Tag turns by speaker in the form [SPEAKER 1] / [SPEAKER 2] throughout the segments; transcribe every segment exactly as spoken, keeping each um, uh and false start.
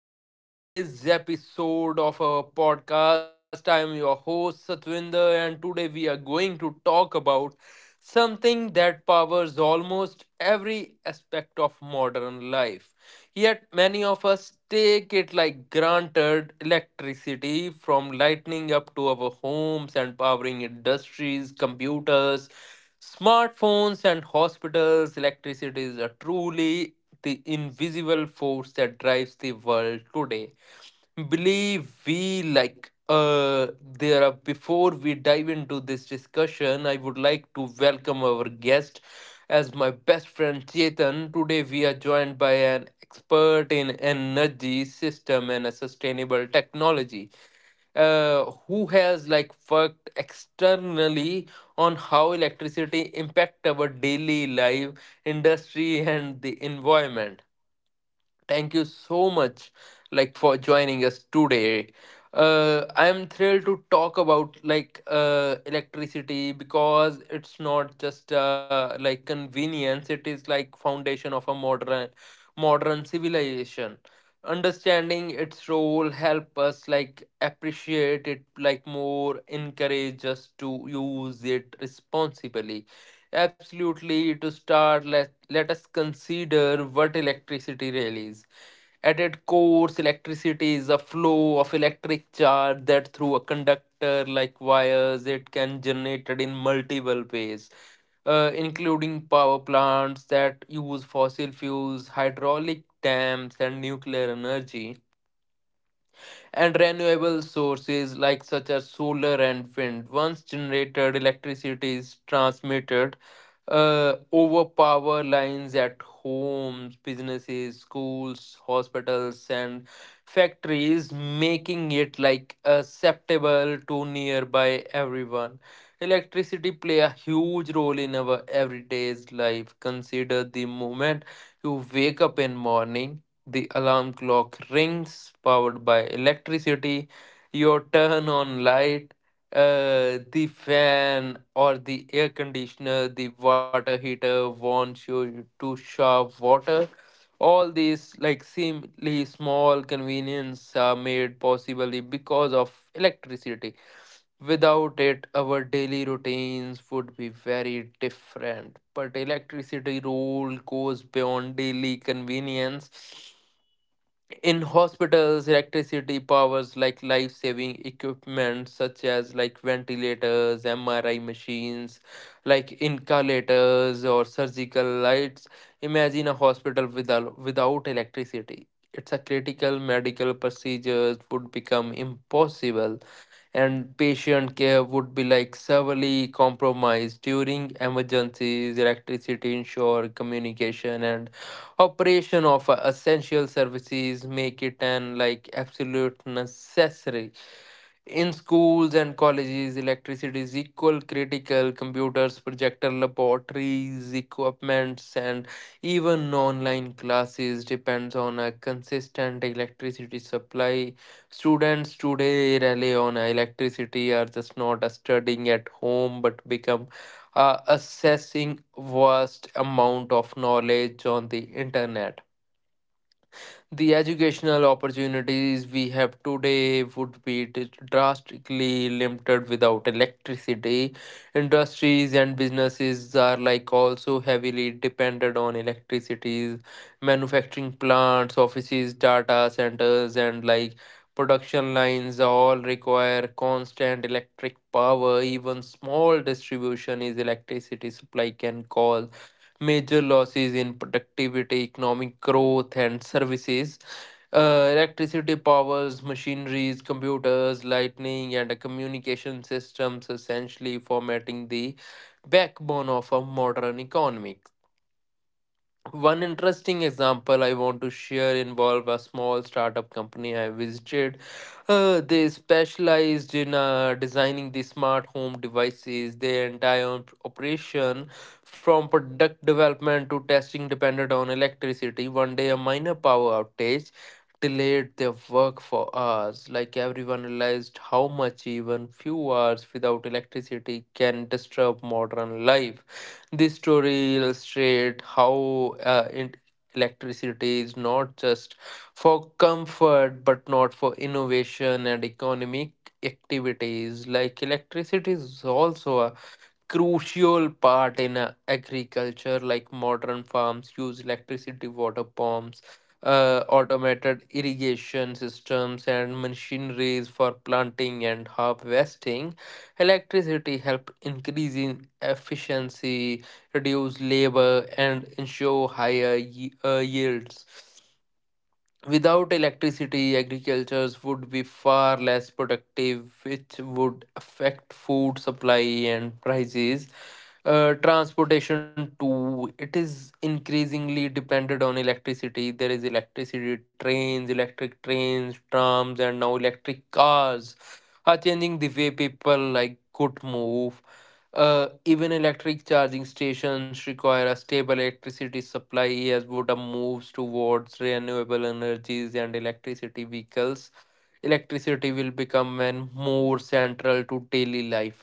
[SPEAKER 1] and welcome to today's episode of our podcast. I am your host Satwinder, and today we are going to talk about something that powers almost every aspect of modern life. Yet, many of us take it like granted electricity from lighting up to our homes and powering industries, computers. Smartphones and hospitals, electricity is a truly the invisible force that drives the world today. Believe we like uh there are before we dive into this discussion, I would like to welcome our guest as my best friend Chetan. Today we are joined by an expert in energy system and a sustainable technology, uh, who has like worked externally on how electricity impact our daily life industry and the environment. Thank you so much, like for joining us today. Uh, I am thrilled to talk about like uh, electricity because it's not just uh, like convenience; it is like foundation of a modern modern civilization. Understanding its role help us like appreciate it like more, encourage us to use it responsibly. Absolutely, to start, let let us consider what electricity really is at its core. Electricity is a flow of electric charge that through a conductor like wires it can generated in multiple ways, uh, including power plants that use fossil fuels, hydraulic dams, and nuclear energy, and renewable sources like such as solar and wind. Once generated, electricity is transmitted uh, over power lines at homes, businesses, schools, hospitals, and factories, making it like acceptable to nearby everyone. Electricity play a huge role in our everyday's life. Consider the moment you wake up in morning, the alarm clock rings, powered by electricity. You turn on light, uh, the fan or the air conditioner, the water heater wants you to shove water. All these like seemingly small convenience are made possibly because of electricity. Without it, our daily routines would be very different. But electricity role goes beyond daily convenience. In hospitals electricity powers like life saving equipment such as like ventilators, M R I machines, like inhalators or surgical lights. Imagine a hospital without without electricity. It's a critical medical procedures would become impossible and patient care would be like severely compromised. During emergencies, electricity, ensure communication and operation of uh, essential services make it an like absolute necessary. In schools and colleges, electricity is equal critical. Computers, projector laboratories, equipments, and even online classes depends on a consistent electricity supply. Students today rely on electricity are just not studying at home but become, uh, assessing vast amount of knowledge on the internet. The educational opportunities we have today would be d- drastically limited without electricity. Industries and businesses are like also heavily dependent on electricity. Manufacturing plants, offices, data centers, and like production lines all require constant electric power. Even small distribution is electricity supply can cause major losses in productivity, economic growth, and services. Uh, electricity powers machineries, computers, lightning, and communication systems, essentially formatting the backbone of a modern economy. One interesting example I want to share involve a small startup company I visited. Uh, they specialized in uh, designing the smart home devices. Their entire op- operation, from product development to testing, depended on electricity. One day, a minor power outage delayed their work for hours. Like everyone realized how much even few hours without electricity can disturb modern life. This story illustrates how uh, in- electricity is not just for comfort but not for innovation and economic activities. Like electricity is also a crucial part in uh, agriculture. Like modern farms use electricity water pumps, uh, automated irrigation systems and machineries for planting and harvesting. Electricity help increase in efficiency, reduce labor and ensure higher ye- uh, yields. Without electricity, agricultures would be far less productive, which would affect food supply and prices. Uh, transportation too, it is increasingly dependent on electricity. There is electricity trains, electric trains, trams, and now electric cars are changing the way people like could move. Uh, even electric charging stations require a stable electricity supply as Voda moves towards renewable energies and electricity vehicles. Electricity will become an more central to daily life.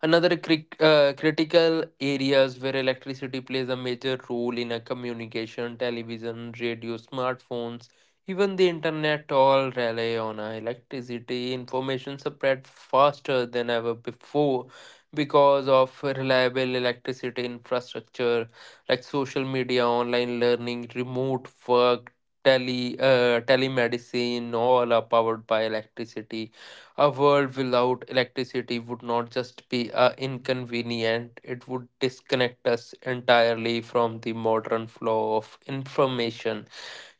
[SPEAKER 1] Another cri- uh, critical areas where electricity plays a major role in a communication, television, radio, smartphones, even the internet all rely on a electricity. Information spread faster than ever before because of reliable electricity infrastructure, like social media, online learning, remote work, tele uh, telemedicine, all are powered by electricity. A world without electricity would not just be uh, inconvenient, it would disconnect us entirely from the modern flow of information.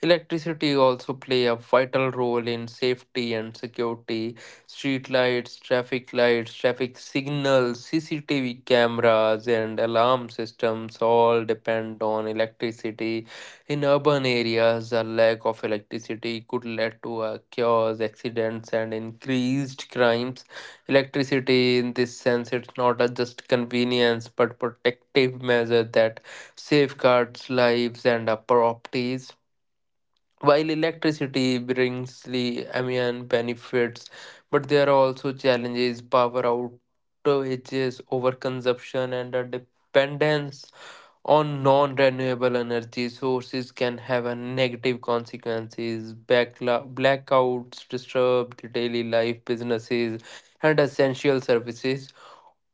[SPEAKER 1] Electricity also play a vital role in safety and security. Street lights, traffic lights, traffic signals, C C T V cameras and alarm systems all depend on electricity. In urban areas, a lack of electricity could lead to a chaos, accidents and increased crimes. Electricity in this sense it's not a just convenience but protective measure that safeguards lives and our properties. While electricity brings the immediate benefits, but there are also challenges, power outages, overconsumption, and a dependence on non-renewable energy sources can have a negative consequences. Backla- blackouts disturb the daily life, businesses, and essential services.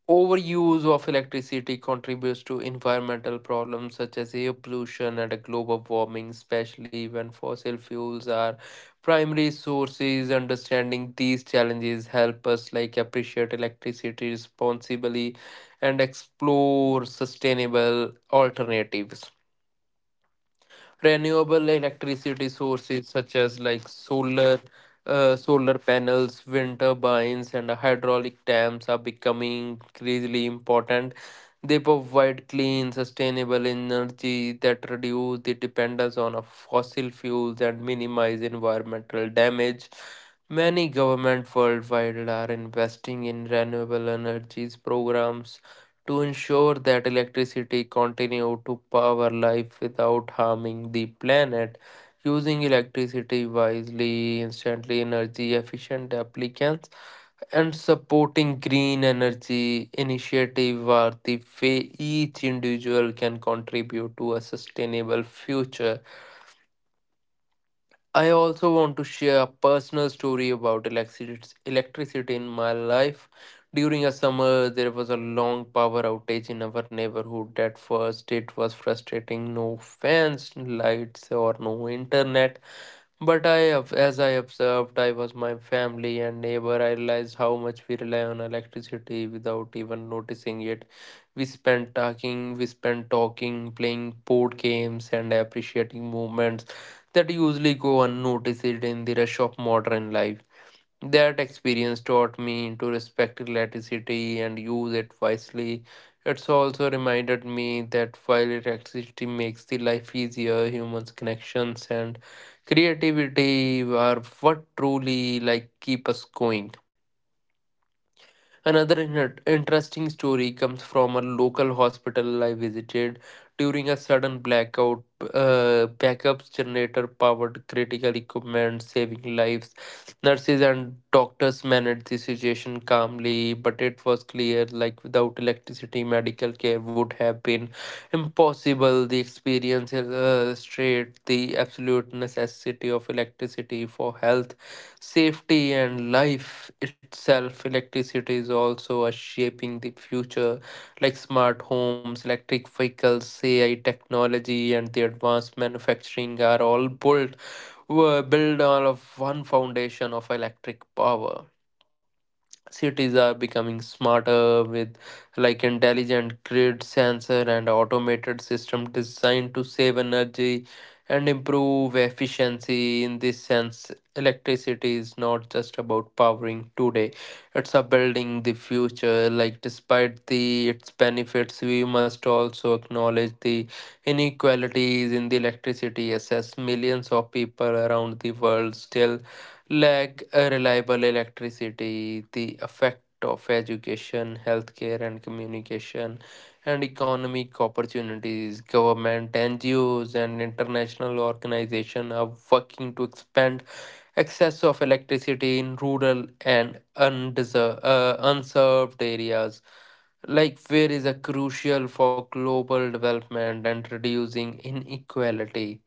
[SPEAKER 1] Overuse of electricity contributes to environmental problems such as air pollution and global warming, especially when fossil fuels are primary sources. Understanding these challenges help us like appreciate electricity responsibly and explore sustainable alternatives. Renewable electricity sources such as like solar, uh, solar panels, wind turbines and hydraulic dams are becoming increasingly important. They provide clean sustainable energy that reduce the dependence on a fossil fuels and minimize environmental damage. Many governments worldwide are investing in renewable energies programs to ensure that electricity continued to power life without harming the planet. Using electricity wisely, instantly energy efficient applicants, and supporting green energy initiative are the way each individual can contribute to a sustainable future. I also want to share a personal story about electric- electricity in my life. During a summer, there was a long power outage in our neighborhood. At first, it was frustrating no fans, lights, or no internet. But I, ob- as I observed, I was my family and neighbor. I realized how much we rely on electricity without even noticing it. We spend talking, we spend talking, playing board games, and appreciating moments that usually go unnoticed in the rush of modern life. That experience taught me to respect electricity and use it wisely. It's also reminded me that while electricity makes the life easier, humans' connections and creativity are what truly like keep us going. Another in- interesting story comes from a local hospital I visited. During a sudden blackout, uh, backup generator powered critical equipment, saving lives. Nurses and doctors managed the situation calmly, but it was clear like without electricity, medical care would have been impossible. The experience illustrates the absolute necessity of electricity for health, safety and life itself. Electricity is also a shaping the future, like smart homes, electric vehicles, A I technology and the advanced manufacturing are all built, were built out of one foundation of electric power. Cities are becoming smarter with like intelligent grid sensor and automated system designed to save energy and improve efficiency. In this sense electricity is not just about powering today, it's about building the future. Like despite the its benefits we must also acknowledge the inequalities in the electricity access. Millions of people around the world still lack a reliable electricity, the effect of education, healthcare, and communication, and economic opportunities. Government, N G Os, and international organizations are working to expand access of electricity in rural and undeser- uh, unserved areas, like where is a crucial for global development and reducing inequality.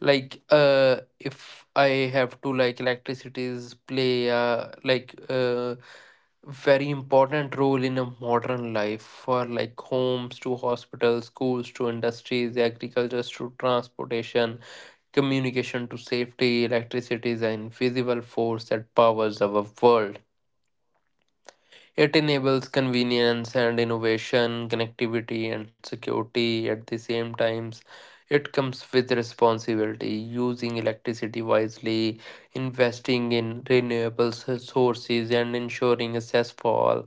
[SPEAKER 1] like uh if I have to, like electricities play uh like uh very important role in a modern life. For like homes to hospitals, schools to industries, agriculture to transportation, communication to safety, electricity is an invisible force that powers our world. It enables convenience and innovation, connectivity and security at the same times. It comes with responsibility, using electricity wisely, investing in renewable sources, and ensuring access for all.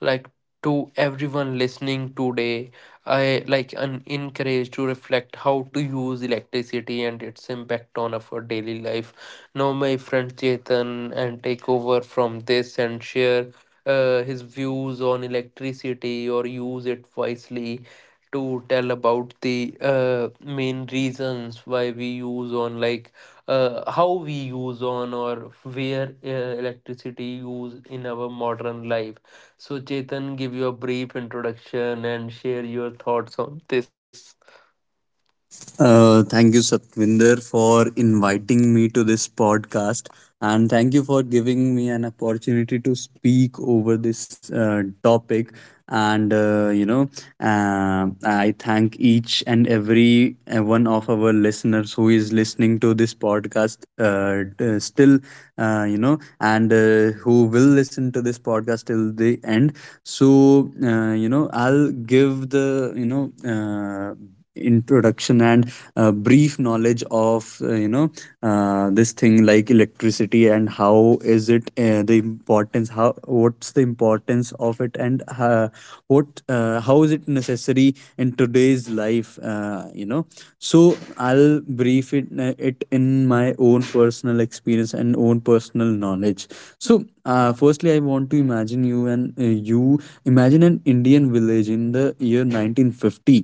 [SPEAKER 1] Like to everyone listening today, I like an encourage to reflect how to use electricity and its impact on our daily life. Now, my friend Chetan, and take over from this and share uh, his views on electricity or use it wisely, to tell about the uh, main reasons why we use on like uh, how we use on or where, uh, electricity use in our modern life. So Chetan, give you a brief introduction and share your thoughts on this.
[SPEAKER 2] Uh, thank you, Satvinder, for inviting me to this podcast. And thank you for giving me an opportunity to speak over this uh, topic. And, uh, you know, uh, I thank each and every uh, one of our listeners who is listening to this podcast uh, t- uh, still, uh, you know, and uh, who will listen to this podcast till the end. So, uh, you know, I'll give the, you know, uh, introduction and uh, brief knowledge of uh, you know uh, this thing like electricity and how is it uh, the importance how what's the importance of it, and uh, what uh, how is it necessary in today's life. Uh, you know so I'll brief it, uh, it in my own personal experience and own personal knowledge. So uh, firstly, I want to imagine you, and uh, you imagine an Indian village in the year nineteen fifty.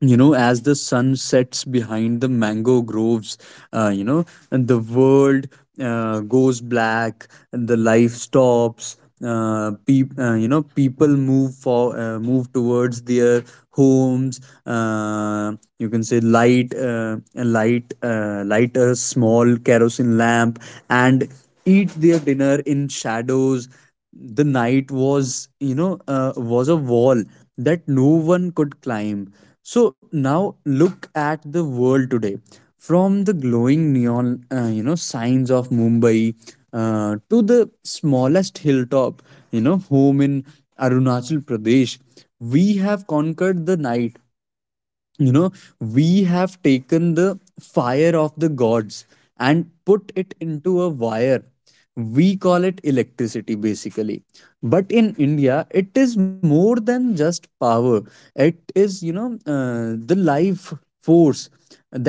[SPEAKER 2] You know, as the sun sets behind the mango groves, uh, you know and the world uh, goes black and the life stops. Uh, peop- uh, you know, people move for uh, move towards their homes. uh, you can say, light uh, light uh, light a small kerosene lamp and eat their dinner in shadows. The night was, you know uh, was a wall that no one could climb. So now look at the world today, from the glowing neon, uh, you know signs of Mumbai, uh, to the smallest hilltop, you know, home in Arunachal Pradesh. We have conquered the night. You know, we have taken the fire of the gods and put it into a wire. We call it electricity, basically. But in India, it is more than just power. It is, you know uh, the life force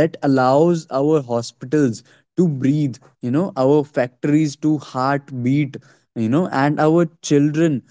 [SPEAKER 2] that allows our hospitals to breathe, you know, our factories to heartbeat, you know, and our children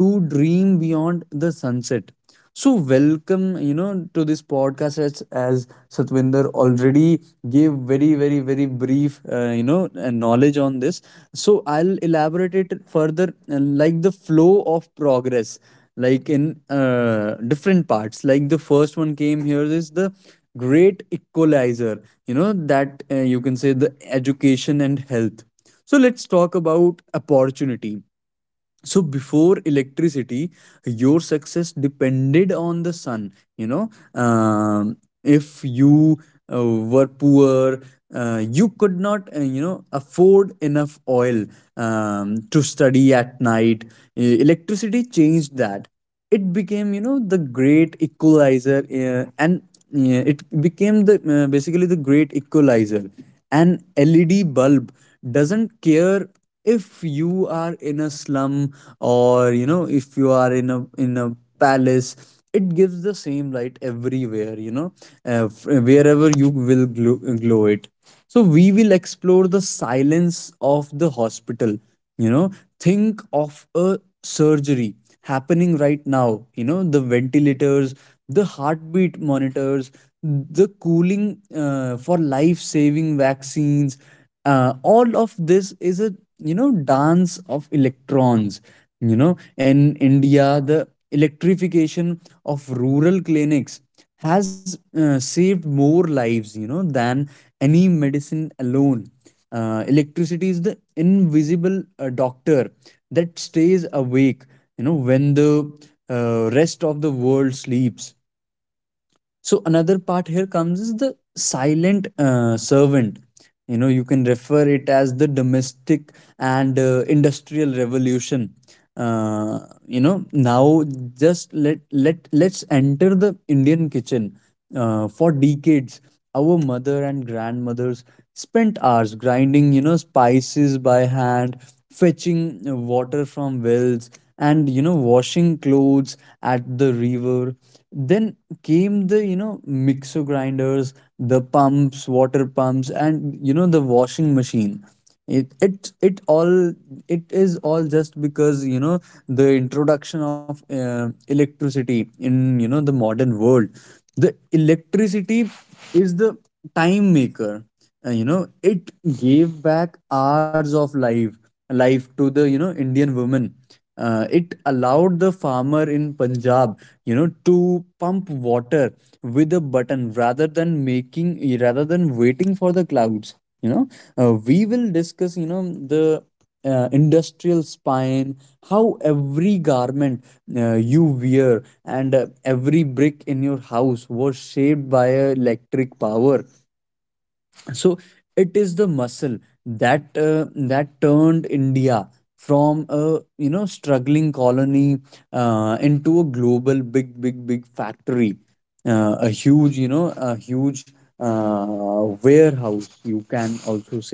[SPEAKER 2] to dream beyond the sunset. So, welcome, you know, to this podcast, as, as Satwinder already gave very, very, very brief, uh, you know, uh, knowledge on this. So, I'll elaborate it further, uh, like the flow of progress, like in uh, different parts. Like, the first one came here is the great equalizer, you know, that uh, you can say the education and health. So, let's talk about opportunity. So before electricity, your success depended on the sun, you know. um, if you uh, were poor, uh, you could not, uh, you know afford enough oil, um, to study at night. E- electricity changed that. It became, you know, the great equalizer. Uh, and uh, it became the, uh, basically, the great equalizer. An LED bulb doesn't care if you are in a slum, or, you know, if you are in a in a palace. It gives the same light everywhere, you know. Uh, f- wherever you will glow, glow it. So we will explore the silence of the hospital. You know, think of a surgery happening right now. You know, the ventilators, the heartbeat monitors, the cooling, uh, for life saving vaccines, uh, all of this is a, you know, dance of electrons. You know, in India, the electrification of rural clinics has, uh, saved more lives, you know, than any medicine alone. Uh, electricity is the invisible, uh, doctor that stays awake, you know, when the, uh, rest of the world sleeps. So another part here comes is the silent, uh, servant. You know, you can refer it as the domestic and uh, industrial revolution. Uh, you know, now just let let let's enter the Indian kitchen. Uh, for decades, our mother and grandmothers spent hours grinding, you know, spices by hand, fetching uh, water from wells, and, you know, washing clothes at the river. Then came the, you know, mixer grinders, the pumps, water pumps, and, you know, the washing machine. It it it all, it is all just because, you know, the introduction of uh, electricity in, you know, the modern world. The electricity is the time maker. Uh, you know, it gave back hours of life life to the, you know, Indian women. Uh, it allowed the farmer in Punjab, you know, to pump water with a button, rather than making rather than waiting for the clouds. You know, uh, we will discuss, you know, the uh, industrial spine, how every garment uh, you wear and uh, every brick in your house was shaped by a electric power. So it is the muscle that uh, that turned India from a, you know, struggling colony, uh, into a global big big big factory, uh, a huge, you know, a huge, uh, warehouse, you can also say.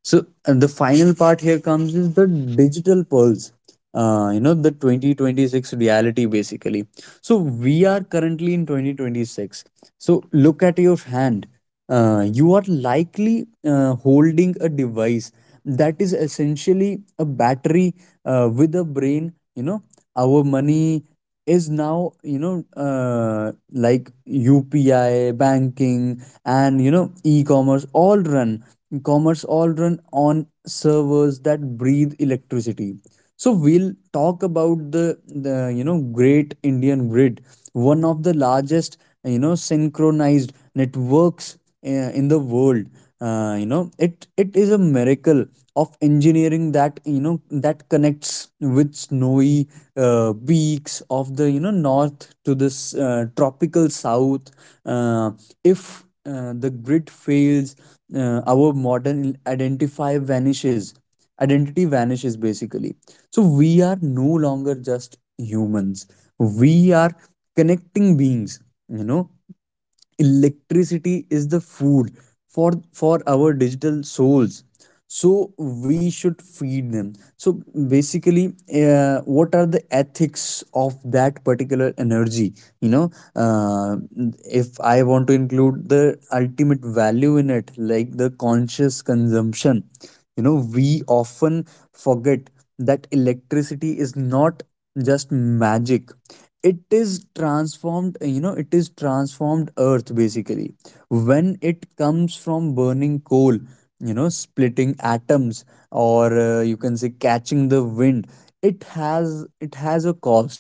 [SPEAKER 2] So uh, the final part here comes is the digital pearls. Uh, you know, the twenty twenty-six reality, basically. So we are currently in twenty twenty-six. So look at your hand. Uh, you are likely uh, holding a device that is essentially a battery uh, with a brain. You know, our money is now, you know, uh, like U P I banking, and, you know, e-commerce all run commerce all run on servers that breathe electricity. So we'll talk about the, the, you know, great Indian grid, one of the largest, you know, synchronized networks uh, in the world. Uh, you know, it it is a miracle of engineering that, you know, that connects with snowy uh, peaks of the, you know, north to this uh, tropical south. uh, if uh, the grit fails, uh, our modern identify vanishes. Identity vanishes, basically. So we are no longer just humans. We are connecting beings, you know. Electricity is the food for for our digital souls. So we should feed them. So, basically, uh, what are the ethics of that particular energy, you know. uh, if I want to include the ultimate value in it, like the conscious consumption, you know, we often forget that electricity is not just magic. It is transformed, you know it is transformed earth, basically. When it comes from burning coal, you know, splitting atoms, or, uh, you can say, catching the wind, it has it has a cost.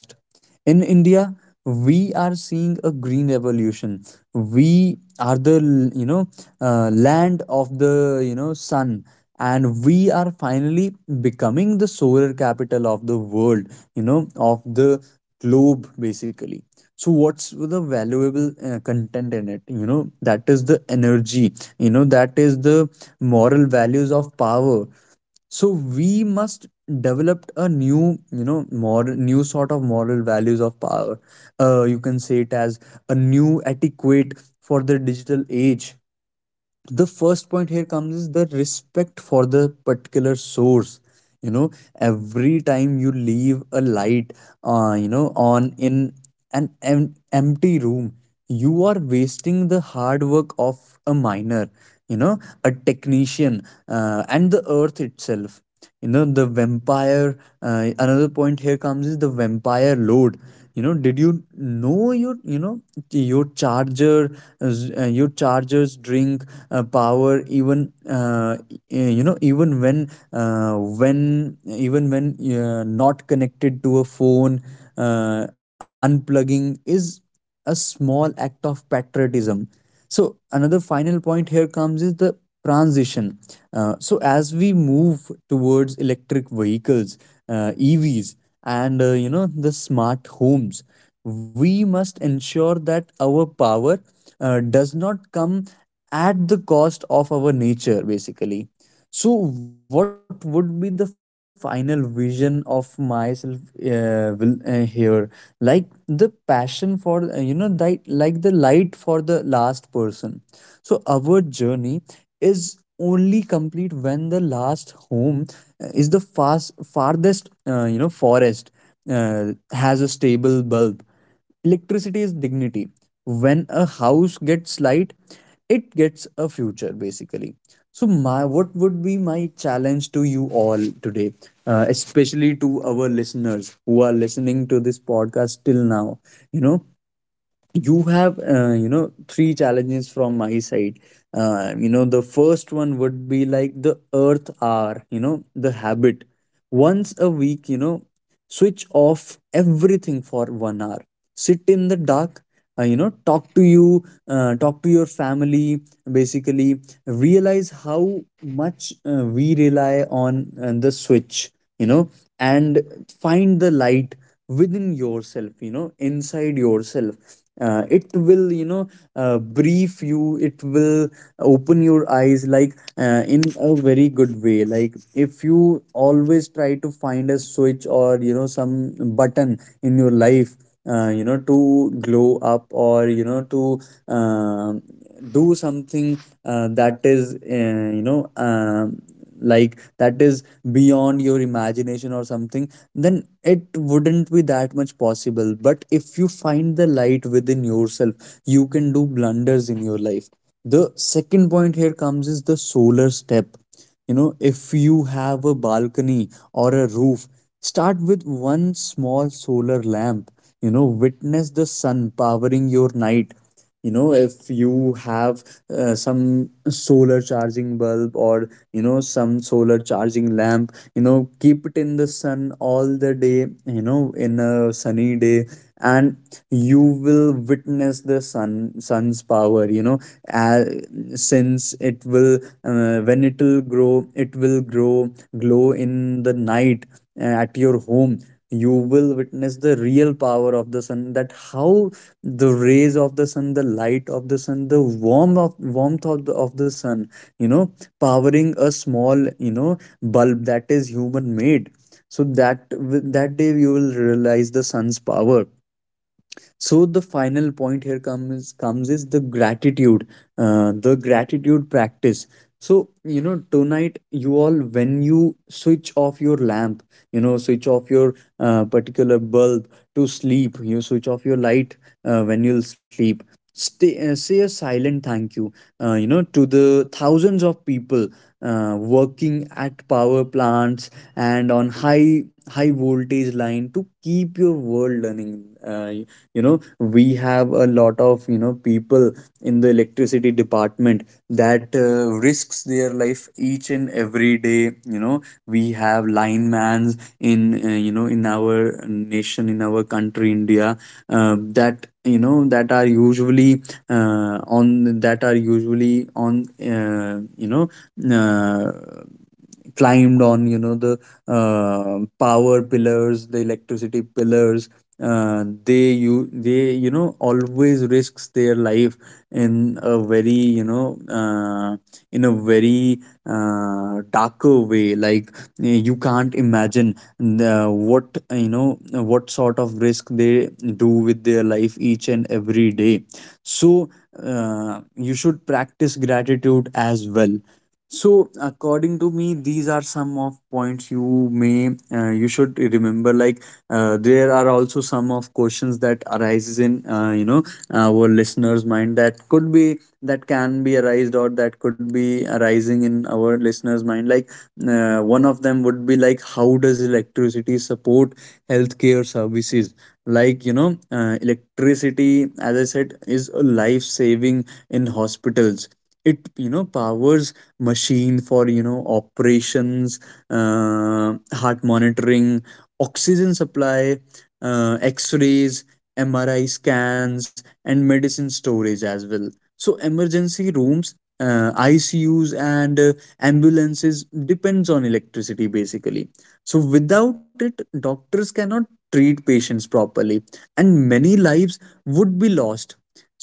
[SPEAKER 2] In India, we are seeing a green revolution. We are the, you know, uh, land of the, you know, sun, and we are finally becoming the solar capital of the world, you know, of the globe, basically. So what's the valuable uh, content in it, you know? That is the energy, you know, that is the moral values of power. So we must develop a new, you know moral new sort of moral values of power. Uh, you can say it as a new etiquette for the digital age. The first point here comes is the respect for the particular source. You know, every time you leave a light, uh, you know, on in an em- empty room, you are wasting the hard work of a miner, you know, a technician, uh, and the earth itself. You know the vampire Uh, another point here comes is the vampire load. You know, did you know your, you know, your charger is- uh, your chargers drink uh, power even uh, eh, you know even when uh, when even when uh, not connected to a phone. Uh, unplugging is a small act of patriotism. So, another final point here comes is the transition. Uh, so, as we move towards electric vehicles, uh, E Vs, and, uh, you know, the smart homes, we must ensure that our power uh, does not come at the cost of our nature, basically. So what would be the final vision of myself uh, will uh, here, like the passion for, uh, you know that like the light for the last person. So our journey is only complete when the last home, uh, is the fast farthest, uh, you know, forest, uh, has a stable bulb. Electricity is dignity. When a house gets light, it gets a future, basically. So my what would be my challenge to you all today, uh, especially to our listeners who are listening to this podcast till now? You know, you have, uh, you know, three challenges from my side. Uh, you know, the first one would be like the earth hour, you know, the habit. Once a week, you know, switch off everything for one hour, sit in the dark, uh, you know talk to you uh, talk to your family, basically. Realize how much uh, we rely on, uh, the switch, you know, and find the light within yourself, you know, inside yourself. Uh, it will you know uh, brief you it will open your eyes, like, uh, in a very good way. Like, if you always try to find a switch, or, you know, some button in your life, uh, you know, to glow up, or, you know, to um do something, uh, that is, uh, you know um like, that is beyond your imagination or something, then it wouldn't be that much possible. But if you find the light within yourself, you can do blunders in your life. The second point here comes is the solar step. You know, if you have a balcony or a roof, start with one small solar lamp. You know, witness the sun powering your night. You know, if you have uh, some solar charging bulb or you know some solar charging lamp, you know, keep it in the sun all the day, you know, in a sunny day, and you will witness the sun sun's power, you know. uh, since it will uh, when it will grow it will grow glow in the night uh, at your home, you will witness the real power of the sun, that how the rays of the sun, the light of the sun, the warm of warmth of the, of the sun, you know, powering a small, you know, bulb that is human made. So that with that day we will realize the sun's power. So the final point here comes comes is the gratitude, uh, the gratitude practice. So, you know, tonight you all, when you switch off your lamp, you know, switch off your uh, particular bulb, to sleep you switch off your light, uh, when you'll sleep, Stay, uh, say a silent thank you uh, you know, to the thousands of people uh, working at power plants and on high high voltage line to keep your world running. Uh, you know, we have a lot of, you know, people in the electricity department that uh, risks their life each and every day, you know. We have linemans in, uh, you know, in our nation, in our country, India, uh, that, you know, that are usually uh, on that are usually on uh, you know, uh, climbed on, you know, the uh, power pillars, the electricity pillars. uh, they you they you know always risks their life in a very, you know, uh, in a very uh, darker way, like, you can't imagine the, what, you know, what sort of risk they do with their life each and every day. So uh, you should practice gratitude as well. So, according to me, these are some of points you may uh, you should remember. Like, uh, there are also some of questions that arises in, uh, you know, our listeners' mind, that could be that can be arised or that could be arising in our listeners' mind. Like, uh, one of them would be like, how does electricity support healthcare services? Like, you know, uh, electricity, as I said, is a life saving in hospitals. It, you know, powers machine for, you know, operations, uh, heart monitoring, oxygen supply, uh, x-rays, mri scans, and medicine storage as well. So emergency rooms, uh, icus, and uh, ambulances depends on electricity basically. So without it, doctors cannot treat patients properly, and many lives would be lost.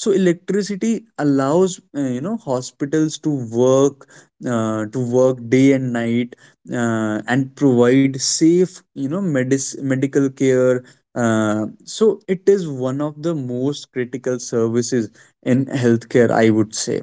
[SPEAKER 2] So electricity allows, uh, you know, hospitals to work, uh, to work day and night, uh, and provide safe, you know, medis- medical care. Uh, so it is one of the most critical services in healthcare, I would say.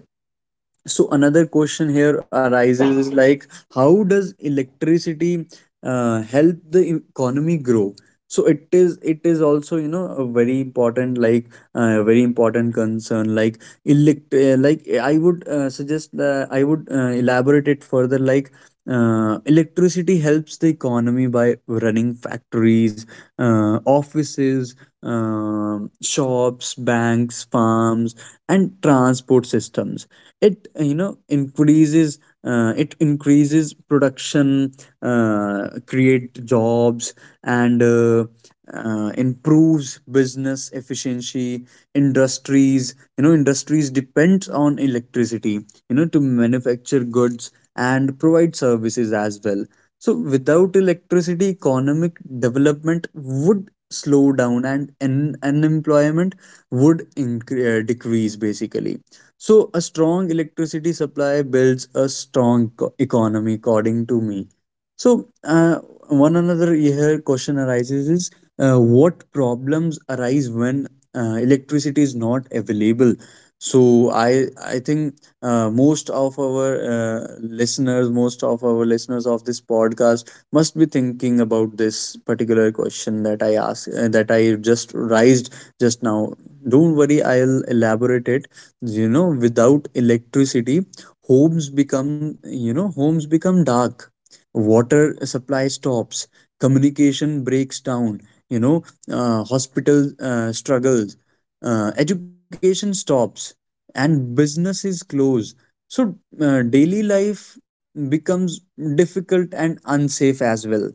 [SPEAKER 2] So another question here arises is like, how does electricity uh, help the e-, economy grow? So it is it is also, you know, a very important, like, uh, very important concern. Like, elect uh, like, I would uh, suggest, uh, I would uh, elaborate it further. Like, uh, electricity helps the economy by running factories, uh, offices, um, shops, banks, farms, and transport systems. It, you know, increases, uh, it increases production, uh, create jobs, and uh, uh, improves business efficiency. Industries, you know, industries depends on electricity, you know, to manufacture goods and provide services as well. So, without electricity, economic development would slow down, and un- unemployment would incre- uh, decrease basically. So, a strong electricity supply builds a strong co- economy, according to me. So, uh, one another here question arises is, uh, what problems arise when uh, electricity is not available? So, I I think uh, most of our, uh, listeners, most of our listeners of this podcast must be thinking about this particular question that I asked, uh, that I just raised just now. Don't worry, I'll elaborate it. You know, without electricity, homes become you know homes become dark, water supply stops, communication breaks down, you know, uh, hospital uh, struggles, uh, education stops, and businesses close. So, uh, daily life becomes difficult and unsafe as well.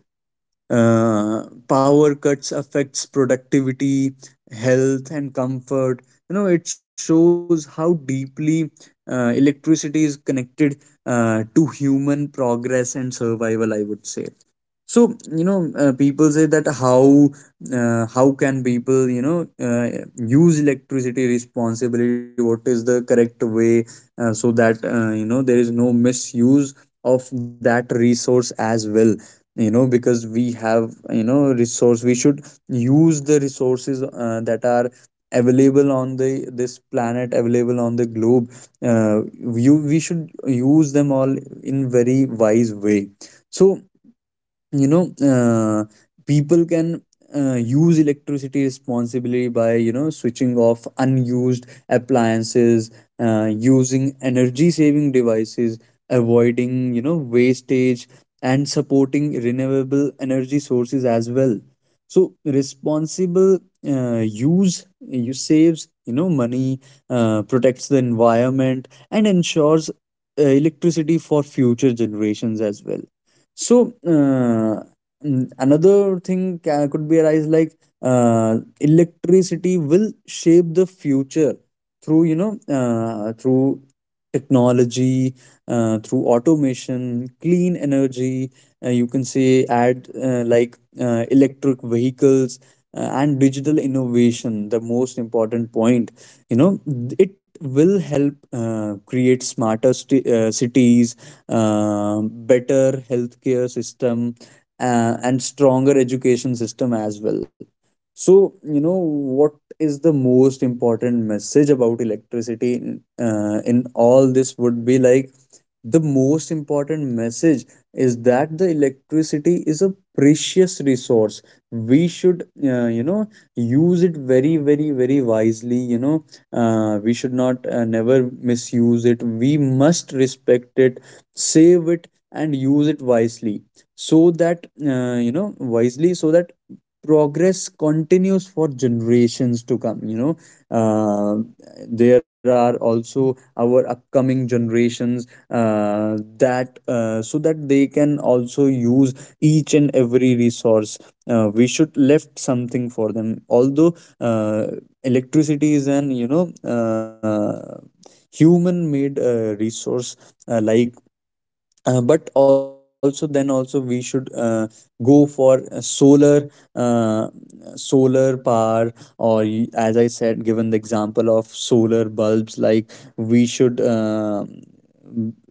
[SPEAKER 2] uh, Power cuts affects productivity, health, and comfort. You know, it shows how deeply uh, electricity is connected uh, to human progress and survival, I would say. So, you know, uh, people say that, how uh, how can people, you know, uh, use electricity responsibly? What is the correct way, uh, so that, uh, you know, there is no misuse of that resource as well, you know, because we have, you know, resource. We should use the resources uh, that are available on the this planet, available on the globe. uh, you, we should use them all in very wise way. So, you know, uh, people can uh, use electricity responsibly by, you know, switching off unused appliances, uh, using energy saving devices, avoiding, you know, wastage, and supporting renewable energy sources as well. So responsible uh, use, you saves, you know, money, uh, protects the environment, and ensures uh, electricity for future generations as well. So, uh, mm, another thing ca- could be arise, like, uh, electricity will shape the future through, you know, uh, through technology, uh, through automation, clean energy. Uh, you can say, add, uh, like, uh, electric vehicles uh, and digital innovation. The most important point, you know, it will help uh, create smarter sti- uh, cities, um, better healthcare system, uh, and stronger education system as well. So, you know, what is the most important message about electricity in, uh, in all this, would be like, the most important message is that the electricity is a precious resource. We should, uh, you know, use it very, very, very wisely, you know. Uh, we should not, uh, never misuse it. We must respect it, save it, and use it wisely. So that, uh, you know, wisely, so that progress continues for generations to come, you know. uh, there are also our upcoming generations uh, that, uh, so that they can also use each and every resource. Uh, we should left something for them. Although, uh, electricity is an, you know, uh, human made uh, resource, uh, like, uh, but also then also we should, uh, go for a solar, uh, solar power, or y- as I said, given the example of solar bulbs, like, we should, uh,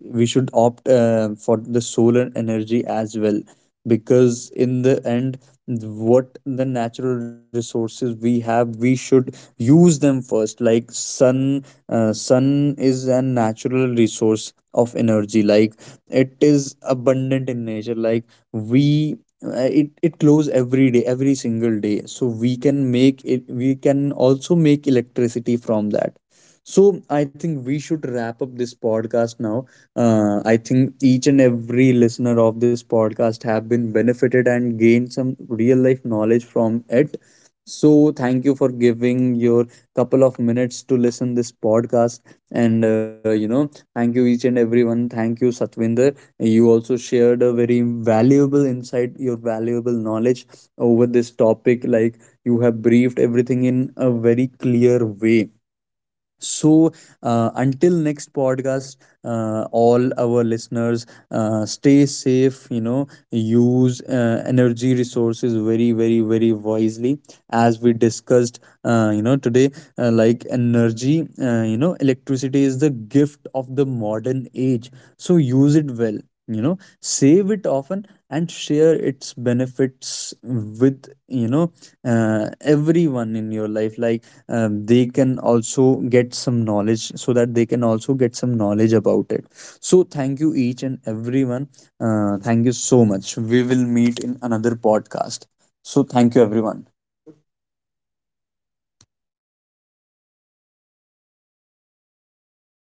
[SPEAKER 2] we should opt, uh, for the solar energy as well. Because in the end, what the natural resources we have, we should use them first, like sun. Uh, sun is a natural resource of energy, like it is abundant in nature. Like, we, uh, it it glows every day, every single day, so we can make it, we can also make electricity from that. So I think we should wrap up this podcast now. uh, I think each and every listener of this podcast have been benefited and gained some real life knowledge from it. So thank you for giving your couple of minutes to listen this podcast. And, uh, you know, thank you each and everyone. Thank you, Satvinder. You also shared a very valuable insight, your valuable knowledge over this topic. Like, you have briefed everything in a very clear way. So, uh, until next podcast, uh, all our listeners, uh, stay safe, you know, use uh, energy resources very, very, very wisely. As we discussed, uh, you know, today, uh, like energy, uh, you know, electricity is the gift of the modern age. So, use it well, you know, save it often, and share its benefits with, you know, uh, everyone in your life. Like, um, they can also get some knowledge so that they can also get some knowledge about it. So thank you each and everyone. Uh, thank you so much. We will meet in another podcast. So thank you everyone.